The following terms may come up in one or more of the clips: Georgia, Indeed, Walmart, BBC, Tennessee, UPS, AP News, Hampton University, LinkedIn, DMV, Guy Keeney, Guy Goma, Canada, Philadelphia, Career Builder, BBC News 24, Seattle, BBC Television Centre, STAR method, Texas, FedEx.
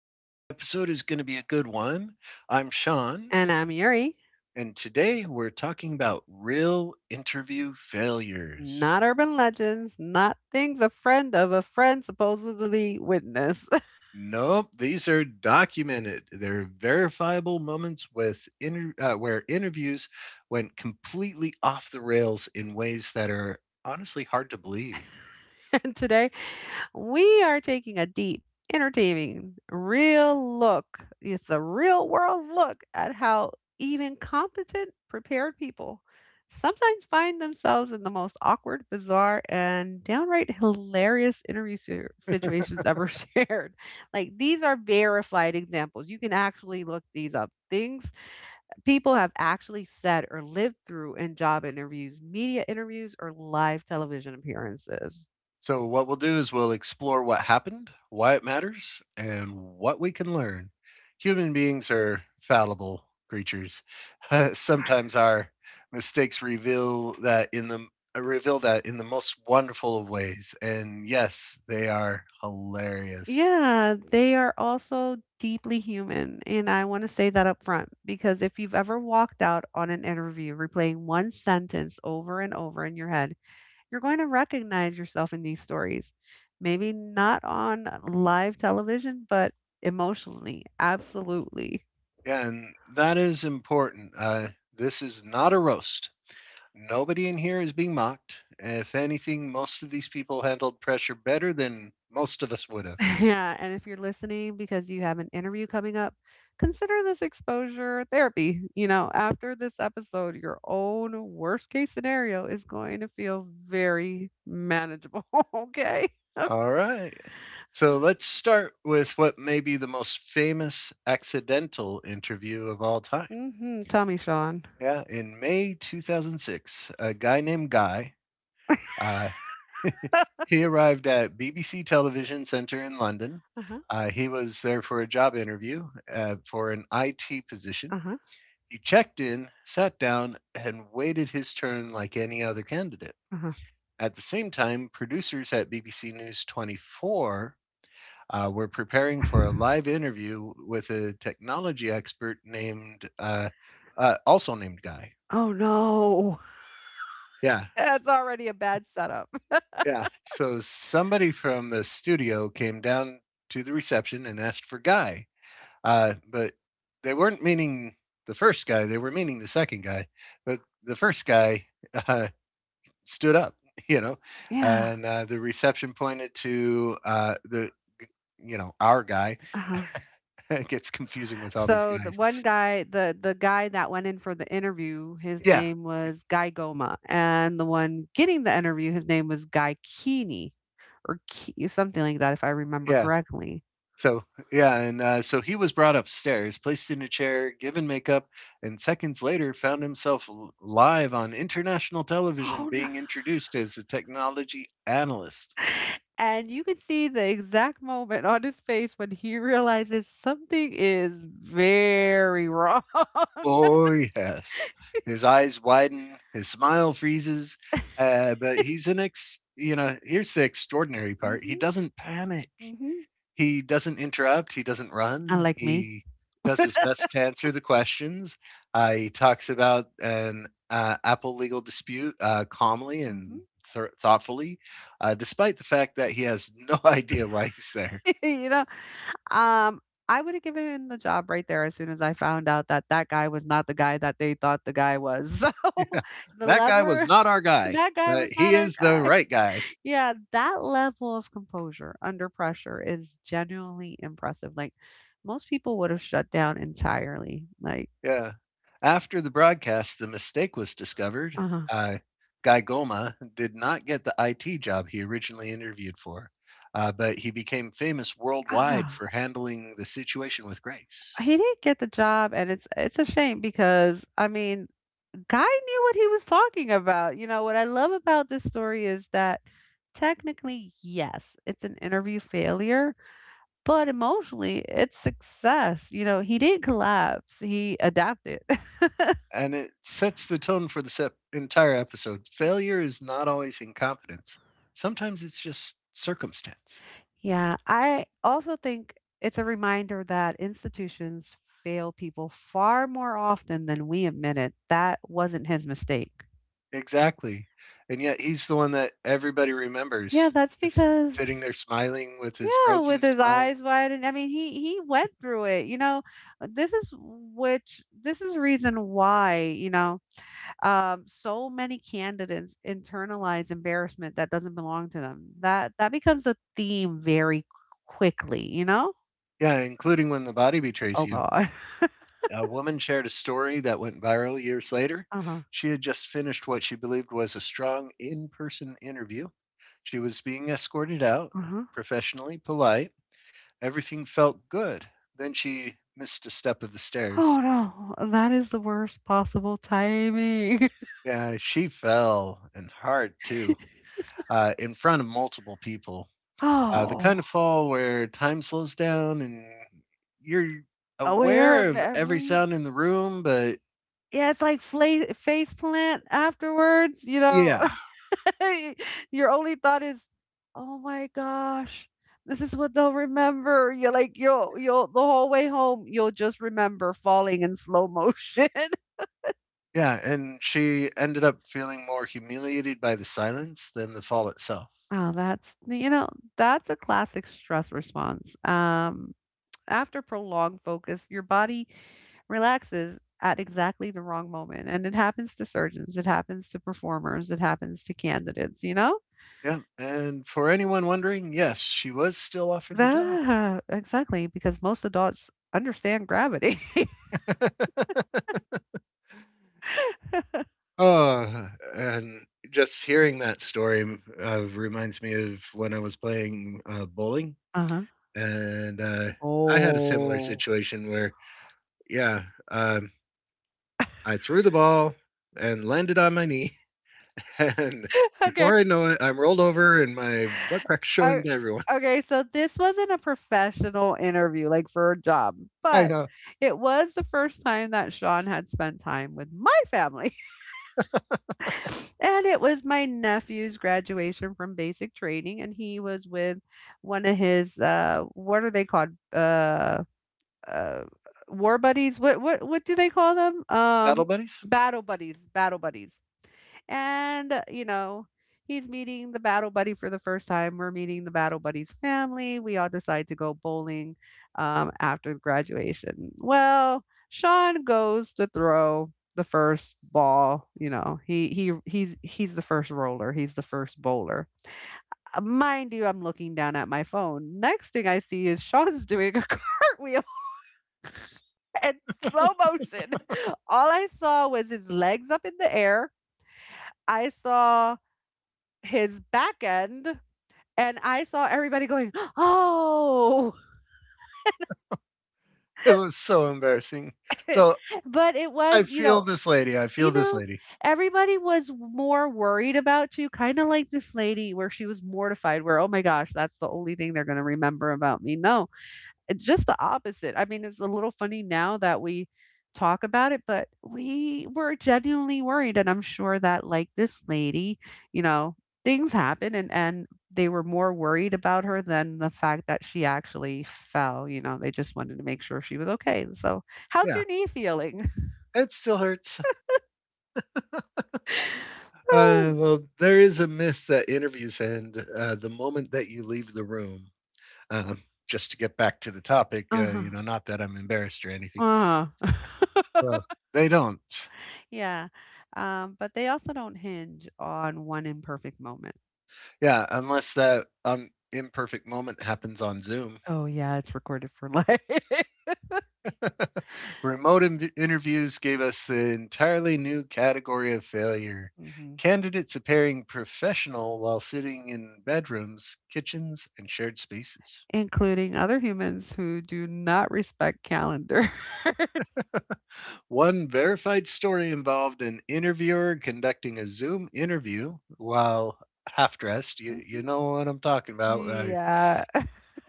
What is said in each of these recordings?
Today's episode is going to be a good one. I'm Sean, And I'm Yuri. and today we're talking about real interview failures. Not urban legends, not things a friend of a friend supposedly witnessed. Nope, these are documented. They're verifiable moments with where interviews went completely off the rails in ways that are honestly hard to believe. And today we are taking a deep, entertaining, real look. It's a real world look at how even competent, prepared people sometimes find themselves in the most awkward, bizarre, and downright hilarious interview situations ever shared. Like, these are verified examples. You can actually look these up. Things people have actually said or lived through in job interviews, media interviews, or live television appearances. So, what we'll do is we'll explore what happened, why it matters, and what we can learn. Human beings are fallible creatures. Sometimes our mistakes reveal that in the most wonderful of ways. And yes, they are hilarious. Yeah, they are also deeply human. And I want to say that up front, because if you've ever walked out on an interview replaying one sentence over and over in your head, you're going to recognize yourself in these stories. Maybe not on live television, but emotionally, absolutely. And that is important. This is not a roast. Nobody in here is being mocked. If anything, most of these people handled pressure better than most of us would have. Yeah, and if you're listening because you have an interview coming up, consider this exposure therapy. You know, after this episode, your own worst case scenario is going to feel very manageable. Okay. All right. So let's start with what may be the most famous accidental interview of all time. Tell me, Sean. Yeah, in May 2006, a guy named Guy, uh, he arrived at BBC Television Centre in London. Uh huh. He was there for a job interview for an IT position. Uh huh. He checked in, sat down, and waited his turn like any other candidate. Uh At the same time, producers at BBC News 24 we're preparing huh. for a live interview with a technology expert named Guy. Oh, no. Yeah, That's already a bad setup. yeah. So somebody from the studio came down to the reception and asked for Guy, but they weren't meaning the first guy. They were meaning the second guy, but the first guy uh, stood up. You know, Yeah. and the reception pointed to the you know our guy. Uh huh. It gets confusing with all these So the guys. one guy, the guy that went in for the interview, his, yeah, Yeah, name was Guy Goma, and the one getting the interview, his name was Guy Keeney, or something like that, if I remember, yeah, yeah. correctly. So, yeah, and so he was brought upstairs, placed in a chair, given makeup, and seconds later found himself live on international television Oh no! being introduced as a technology analyst. And you can see the exact moment on his face when he realizes something is very wrong. Oh, yes. His eyes widen, his smile freezes, but he's an ex, you know, here's the extraordinary part. He hmm doesn't panic. hmm He doesn't interrupt, he doesn't run, Unlike me. he does his best to answer the questions. He talks about an Apple legal dispute calmly and thoughtfully, despite the fact that he has no idea why he's there. You know? Um, I would have given him the job right there as soon as I found out that that guy was not the guy that they thought the guy was. So, the That guy was lever, not our guy, that guy but was he not our is the guy. right guy. Yeah, that level of composure under pressure is genuinely impressive. Like, most people would have shut down entirely. Like, Yeah. After the broadcast, the mistake was discovered. uh-huh. Uh, Guy Goma did not get the IT job he originally interviewed for, but he became famous worldwide Ah, for handling the situation with grace. he didn't get the job, and it's a shame, because, I mean, guy knew what he was talking about. You know, what I love about this story is that technically, yes, it's an interview failure, but emotionally, it's success. You know, he didn't collapse, he adapted. And it sets the tone for the entire episode. Failure is not always incompetence, sometimes it's just circumstance. Yeah, I also think it's a reminder that institutions fail people far more often than we admit it. That wasn't his mistake. Exactly. And yet he's the one that everybody remembers, Yeah, that's just sitting because. there smiling with his Yeah, frozen with his smile. eyes wide, and I mean, he went through it, you know. This is reason why so many candidates internalize embarrassment that doesn't belong to them. That becomes a theme very quickly, you know. Yeah, including When the Body Betrays Oh You. God. A woman shared a story that went viral years later. Uh huh. She had just finished what she believed was a strong in person interview. She was being escorted out, Uh huh. professionally polite. Everything felt good. Then she missed a step of the stairs. Oh no, that is the worst possible timing. Yeah, she fell, and hard too, in front of multiple people. The kind Oh, of fall where time slows down and you're aware aware of of every every. sound in the room, but Yeah, it's like face plant afterwards, you know. yeah, Your only thought is, "Oh my gosh, this is what they'll remember." You're like, you'll the whole way home, you'll just remember falling in slow motion. Yeah, and she ended up feeling more humiliated by the silence than the fall itself. Oh, that's, that's a classic stress response. After prolonged focus, your body relaxes at exactly the wrong moment. And it happens to surgeons, it happens to performers, it happens to candidates, you know? Yeah, and for anyone wondering, yes, she was still offered the job. Ah, exactly, because most adults understand gravity. Oh, and just hearing that story reminds me of when I was playing bowling, Uh-huh. and I had a similar Oh. situation where, yeah, um, I threw the ball and landed on my knee, and Okay. before I know it, I'm rolled over and my butt crack's o- showing to everyone. Okay, so this wasn't a professional interview, like for a job, I but know. it was the first time that Sean had spent time with my family. And it was my nephew's graduation from basic training, and he was with one of his what are they called? Uh War buddies. What do they call them? Battle buddies? Battle buddies, battle buddies. And he's meeting the battle buddy for the first time. We're meeting the battle buddy's family. We all decide to go bowling after the graduation. Well, Sean goes to throw the first ball. You know, he's the first roller. He's the first bowler. Mind you, I'm looking down at my phone. Next thing I see is Sean's doing a cartwheel in slow motion. All I saw was his legs up in the air. I saw his back end and I saw everybody going, "Oh." It was so embarrassing. So but it I was, you feel know, this lady. I feel you this know, lady. Everybody was more worried about you, kind of like this lady where she was mortified where, "Oh my gosh, that's the only thing they're going to remember about me." No, it's just the opposite. I mean, it's a little funny now that we talk about it, but we were genuinely worried, and I'm sure that, like, this lady, you know, things happen, and they were more worried about her than the fact that she actually fell, you know, they just wanted to make sure she was okay. So, "How's Yeah, your knee feeling?" it still hurts. Well, there is a myth that interviews end the moment that you leave the room. Um, just to get back to the topic, Uh-huh, you know, not that I'm embarrassed or anything. uh-huh. Well, they don't. Yeah, but they also don't hinge on one imperfect moment. Yeah, unless that imperfect moment happens on Zoom. Oh, yeah, it's recorded for life. Remote interviews gave us the entirely new category of failure. Mhm. Candidates appearing professional while sitting in bedrooms, kitchens, and shared spaces. Including other humans who do not respect calendar. One verified story involved an interviewer conducting a Zoom interview while half dressed. You know what I'm talking about. Mhm. Yeah.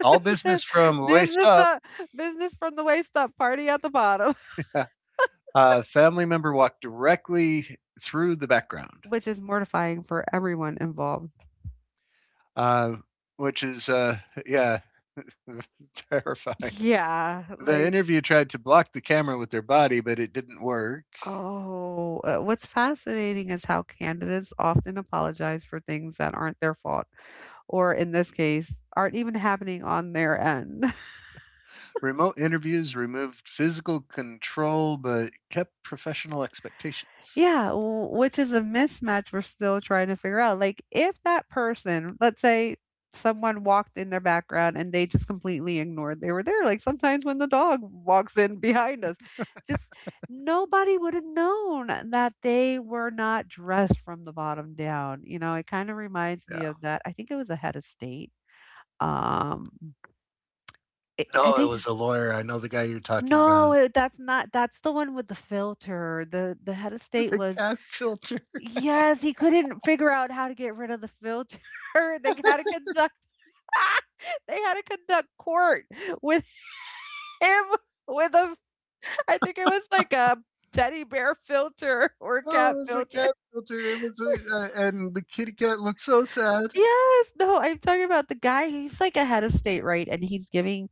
All business from waist Business up. up Business from the waist up, party at the bottom, A family member walked directly through the background. which is mortifying for everyone involved. uh, which is uh, yeah, Terrifying. Yeah, The like, interview tried to block the camera with their body, but it didn't work. oh, what's fascinating is how candidates often apologize for things that aren't their fault, or in this case, aren't even happening on their end. Remote interviews removed physical control, but kept professional expectations. Yeah, w which is a mismatch we're still trying to figure out. Like, if that person, let's say someone walked in their background and they just completely ignored they were there, like sometimes when the dog walks in behind us, just nobody would have known that they were not dressed from the bottom down. You know, it kind of reminds me Yeah. of that. I think it was a head of state. Um, I No, it think was a lawyer. I know the guy you're talking about. no, that's not. That's the one with the filter. The head of state The was. cat filter. Yes, he couldn't figure out how to get rid of the filter. They had to conduct they had to conduct court with him with a, I think it was like a teddy bear filter or No, it cat was a filter. cat filter. It was a, and the kitty cat looked so sad. Yes, no, I'm talking about the guy. He's like a head of state, right? And he's giving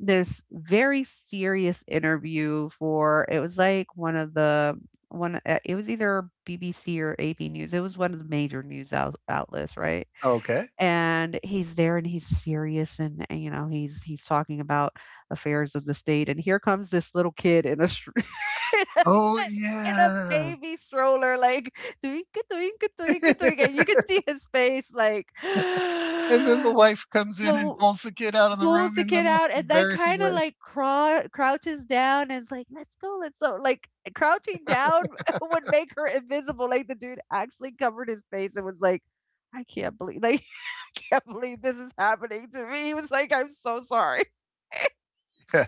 this very serious interview for, it was like one of the one it was either BBC or AP News. It was one of the major news outlets, right? Okay. And he's there and he's serious, and he's talking about affairs of the state, and here comes this little kid in a Oh in a yeah. baby stroller, like twinkle twinkle twinkle twinkle, and you could see his face like And then the wife comes in and the pulls the kid out of the pulls room the in the kid out most and then embarrassing kind of way. like crouches down and is like, "Let's go, let's go," like crouching down would make her invisible, like the dude actually covered his face and was like, "I can't believe, like can't believe this is happening to me." He was like, "I'm so sorry." Yeah.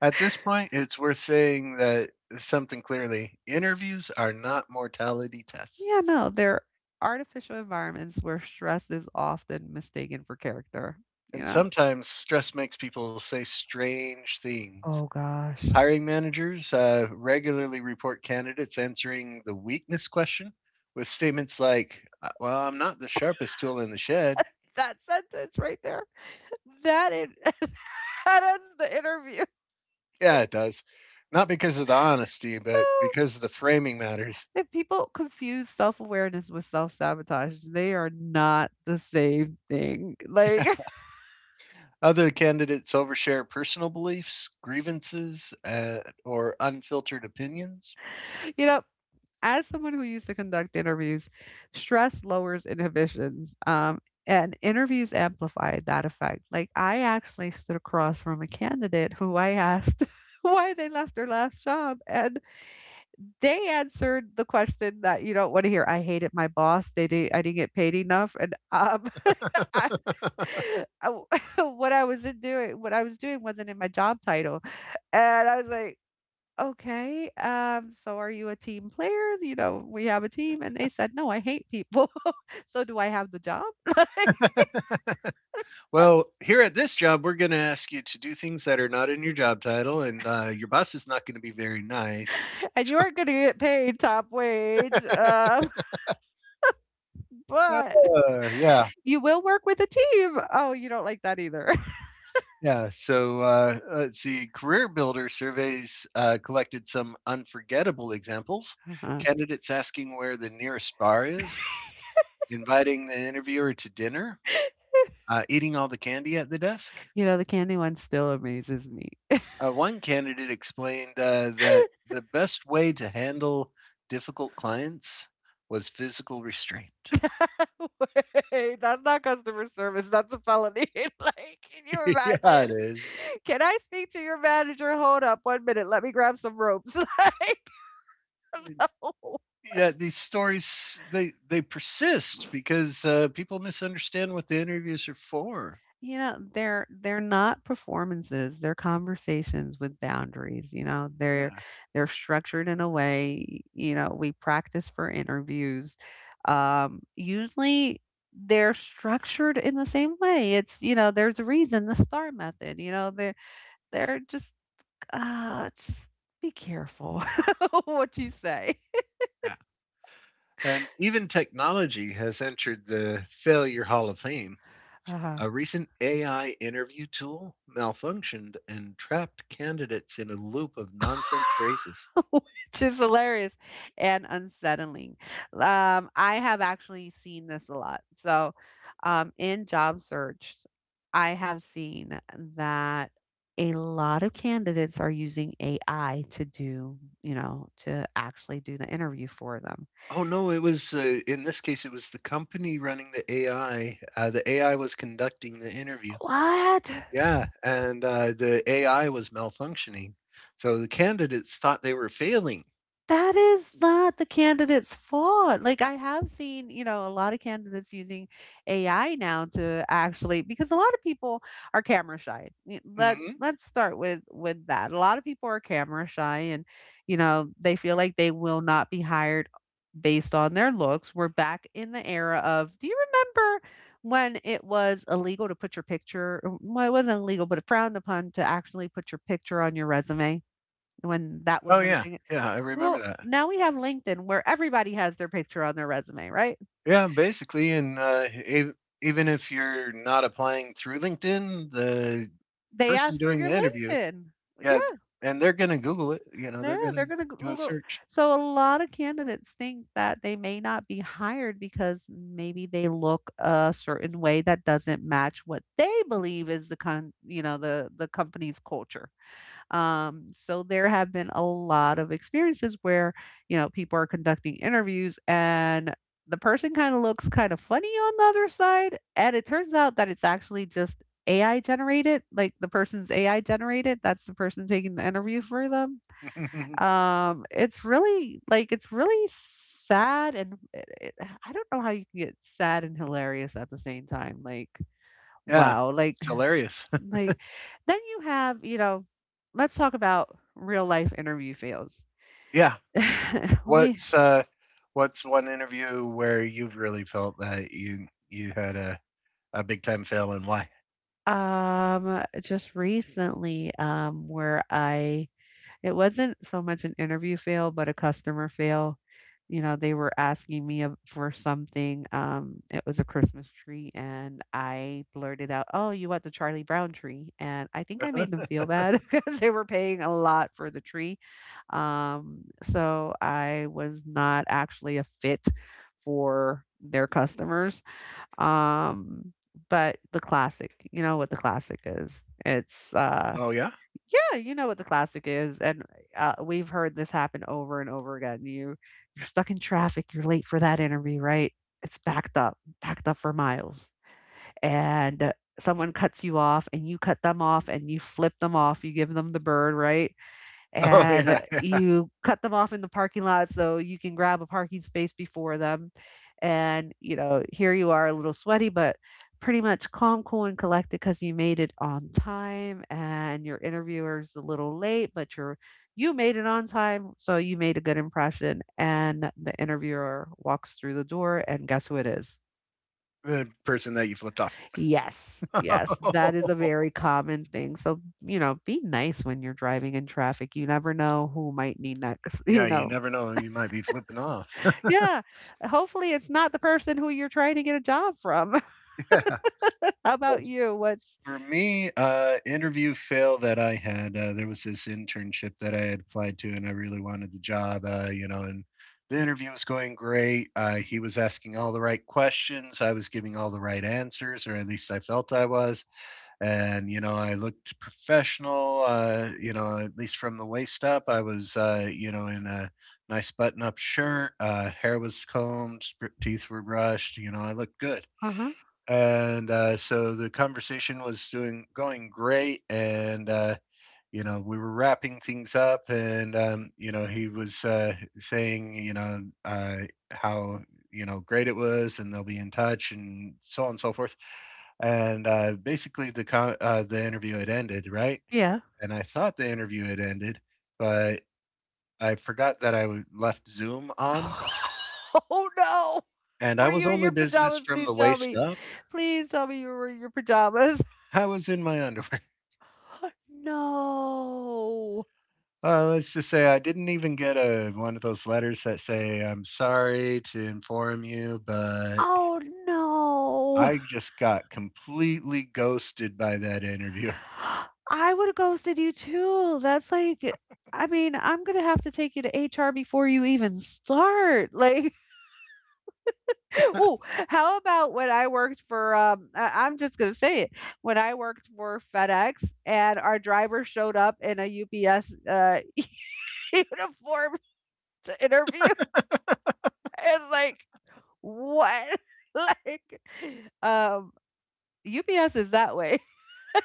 At this point, it's worth saying that something clearly interviews are not mortality Yeah, tests. no, they're artificial environments where stress is often mistaken for character, you And know? sometimes stress makes people say strange things. Oh gosh. Hiring managers regularly report candidates answering the weakness question with statements like, Well, I'm not the sharpest tool in the shed." That sentence right there. That in, that ends the interview. Yeah, it does. Not because of the honesty, but No. because of the framing matters. If people confuse self awareness with self sabotage, they are not the same thing. Like, Other candidates overshare personal beliefs, grievances, or unfiltered opinions. you know, as someone who used to conduct interviews, stress lowers inhibitions, and interviews amplify that effect. Like, I actually stood across from a candidate who I asked why they left their last job, and they answered the question that you don't want to hear. "I hated my boss. They did, I didn't get paid enough, and I, I- what I was doing wasn't in my job title," and I was like, "Okay, so are you a team player? You know, we have a team." And they said, "No, I hate people." "So do I have the job?" Well, here at this job, we're going to ask you to do things that are not in your job title, and your boss is not going to be very nice. "And you aren't gonna get paid top wage, but Yeah, you will work with a team. Oh, you don't like that either." yeah. So let's see. Career Builder surveys collected some unforgettable examples. Uh-huh. Candidates asking where the nearest bar is, inviting the interviewer to dinner, eating all the candy at the desk, You know, the candy one still amazes me. One candidate explained that the best way to handle difficult clients was physical restraint. Wait, that's not customer service. That's a felony. Like, can you Yeah, imagine? it is. "Can I speak to your manager? Hold up 1 minute. Let me grab some ropes." Like, no. Yeah, these stories they persist because people misunderstand what the interviews are for. You know, they're not performances, they're conversations with boundaries, you know. They're Yeah, they're structured in a way, you know, we practice for interviews. Usually they're structured in the same way. It's, you know, there's a reason, the STAR method, you know, they're just be careful what you say. yeah. And even technology has entered the failure hall of fame. Uh-huh. A recent AI interview tool malfunctioned and trapped candidates in a loop of nonsense phrases. Which is hilarious and unsettling. I have actually seen this a lot. So, in job search, I have seen that a lot of candidates are using AI to do, to actually do the interview for them. Oh no, it was in this case it was the company running the AI. The AI was conducting the interview. What? Yeah, and the AI was malfunctioning, so the candidates thought they were failing. That is not the candidate's fault. Like, I have seen, you know, a lot of candidates using AI now to actually because a lot of people are camera shy. Let's Hmm. let's start with that. A lot of people are camera shy and, you know, they feel like they will not be hired based on their looks. We're back in the era of, do you remember when it was illegal to put your picture, well, it wasn't illegal, but frowned upon to actually put your picture on your resume? When that Oh wasn't a yeah, thing. yeah, I remember Well, that. now we have LinkedIn where everybody has their picture on their resume, right? Yeah, basically, and even if you're not applying through LinkedIn, the They person ask for doing your the interview, LinkedIn. yeah, Yeah, and they're gonna Google it. You know, yeah, they're gonna they're gonna go. do a Look search. so a lot of candidates think that they may not be hired because maybe they look a certain way that doesn't match what they believe is you know, the company's culture. So there have been a lot of experiences where, you know, people are conducting interviews and the person kind of looks kind of funny on the other side. And it turns out that it's actually just AI generated, like the person's AI generated. That's the person taking the interview for them. It's really like, it's really sad. And I don't know how you can get sad and hilarious at the same time. Like, Yeah, wow. It's hilarious. Like, then you have, you know, let's talk about real life interview fails. Yeah, we what's one interview where you've really felt that you had a big time fail and why? um just recently where I It wasn't so much an interview fail, but a customer fail. You know, they were asking me for something. It was a Christmas tree, and I blurted out, "Oh, you want the Charlie Brown tree?" And I think I made them feel bad because they were paying a lot for the tree. So I was not actually a fit for their customers. Um, but the classic, you know what the classic is. It's. Oh yeah? Yeah, you know what the classic is, and we've heard this happen over and over again. You're stuck in traffic, you're late for that interview, right? It's backed up for miles, and someone cuts you off, and you cut them off, and you flip them off, you give them the bird, right? Oh And yeah, yeah. you cut them off in the parking lot so you can grab a parking space before them. And, you know, here you are a little sweaty, but pretty much calm, cool, and collected because you made it on time and your interviewer's a little late, but you made it on time, so you made a good impression. And the interviewer walks through the door, and guess who it is? The person that you flipped off. Yes, yes, that is a very common thing. So, you know, be nice when you're driving in traffic. You never know who might need next, you Yeah, you know. never know who you might be flipping off. Yeah, hopefully it's not the person who you're trying to get a job from. Yeah. How about you? What's For me, interview fail that I had, there was this internship that I had applied to, and I really wanted the job, you know, and the interview was going great. He was asking all the right questions. I was giving all the right answers, or at least I felt I was. And, you know, I looked professional, you know, at least from the waist up. I was, you know, in a nice button up shirt, hair was combed, teeth were brushed, you know, I looked good, Uh-huh. and so the conversation was doing going great, and you know we were wrapping things up and you know, he was saying, you know, how, you know, great it was and they'll be in touch and so on and so forth, and the interview had ended, right, Yeah. and I thought the interview had ended, but I forgot that left Zoom on, Oh no. and I Were was you in only your business pajamas? from Please the tell waist me. up. Please tell me you were in your pajamas. I was in my underwear. No. Let's just say I didn't even get a one of those letters that say, "I'm sorry to inform you, but Oh no. I just got completely ghosted by that interviewer." I would've ghosted you too. That's like I mean, I'm gonna have to take you to HR before you even start. Like, oh, how about when I worked for I'm just gonna say it. When I worked for FedEx and our driver showed up in a UPS uniform to interview. It's like, what? like um UPS is that way.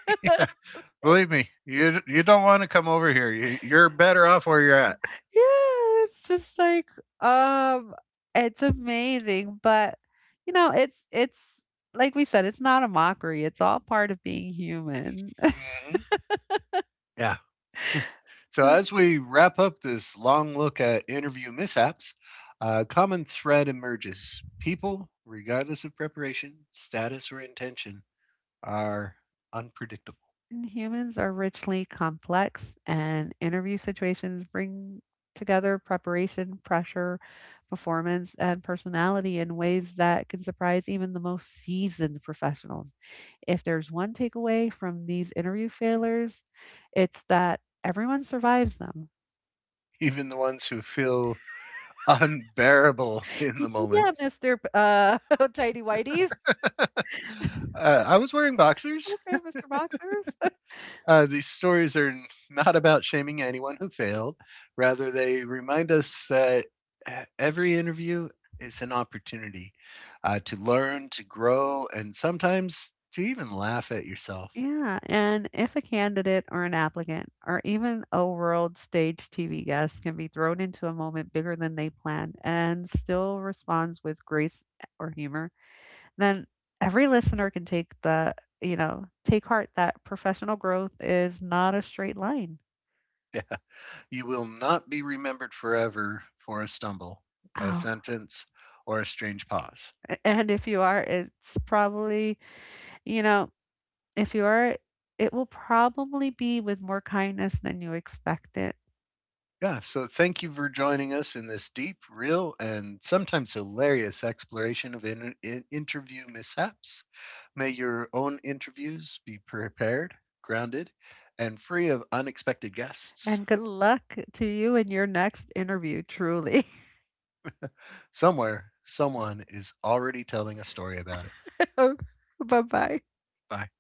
Believe me, you don't want to come over here. You, you're better off where you're at. Yeah, it's just like, um, it's amazing, but you know, it's like we said, it's not a mockery. It's all part of being human. Mhm. Yeah. So So, as we wrap up this long look at interview mishaps, a common thread emerges: people, regardless of preparation, status, or intention, are unpredictable. and humans are richly complex, and interview situations bring together preparation, pressure, performance, and personality in ways that can surprise even the most seasoned professionals. If there's one takeaway from these interview failures, it's that everyone survives them. Even the ones who feel unbearable in the moment. Yeah, Mr. P tidy Whities. uh, I was wearing boxers. Okay, Mr. Boxers. These stories are not about shaming anyone who failed. Rather, they remind us that e, every interview is an opportunity to learn, to grow, and sometimes to even laugh at yourself. Yeah, and if a candidate or an applicant or even a world stage TV guest can be thrown into a moment bigger than they planned and still responds with grace or humor, then every listener can take the, you know, take heart that professional growth is not a straight line. Yeah. You will not be remembered forever for a stumble, a Oh. sentence, or a strange pause. And if you are, it's probably, you know, if you are, it will probably be with more kindness than you expect it. Yeah, so thank you for joining us in this deep, real, and sometimes hilarious exploration of interview mishaps. May your own interviews be prepared, grounded, and free of unexpected guests. And good luck to you in your next interview, truly. Somewhere, someone is already telling a story about it. Bye bye. Bye.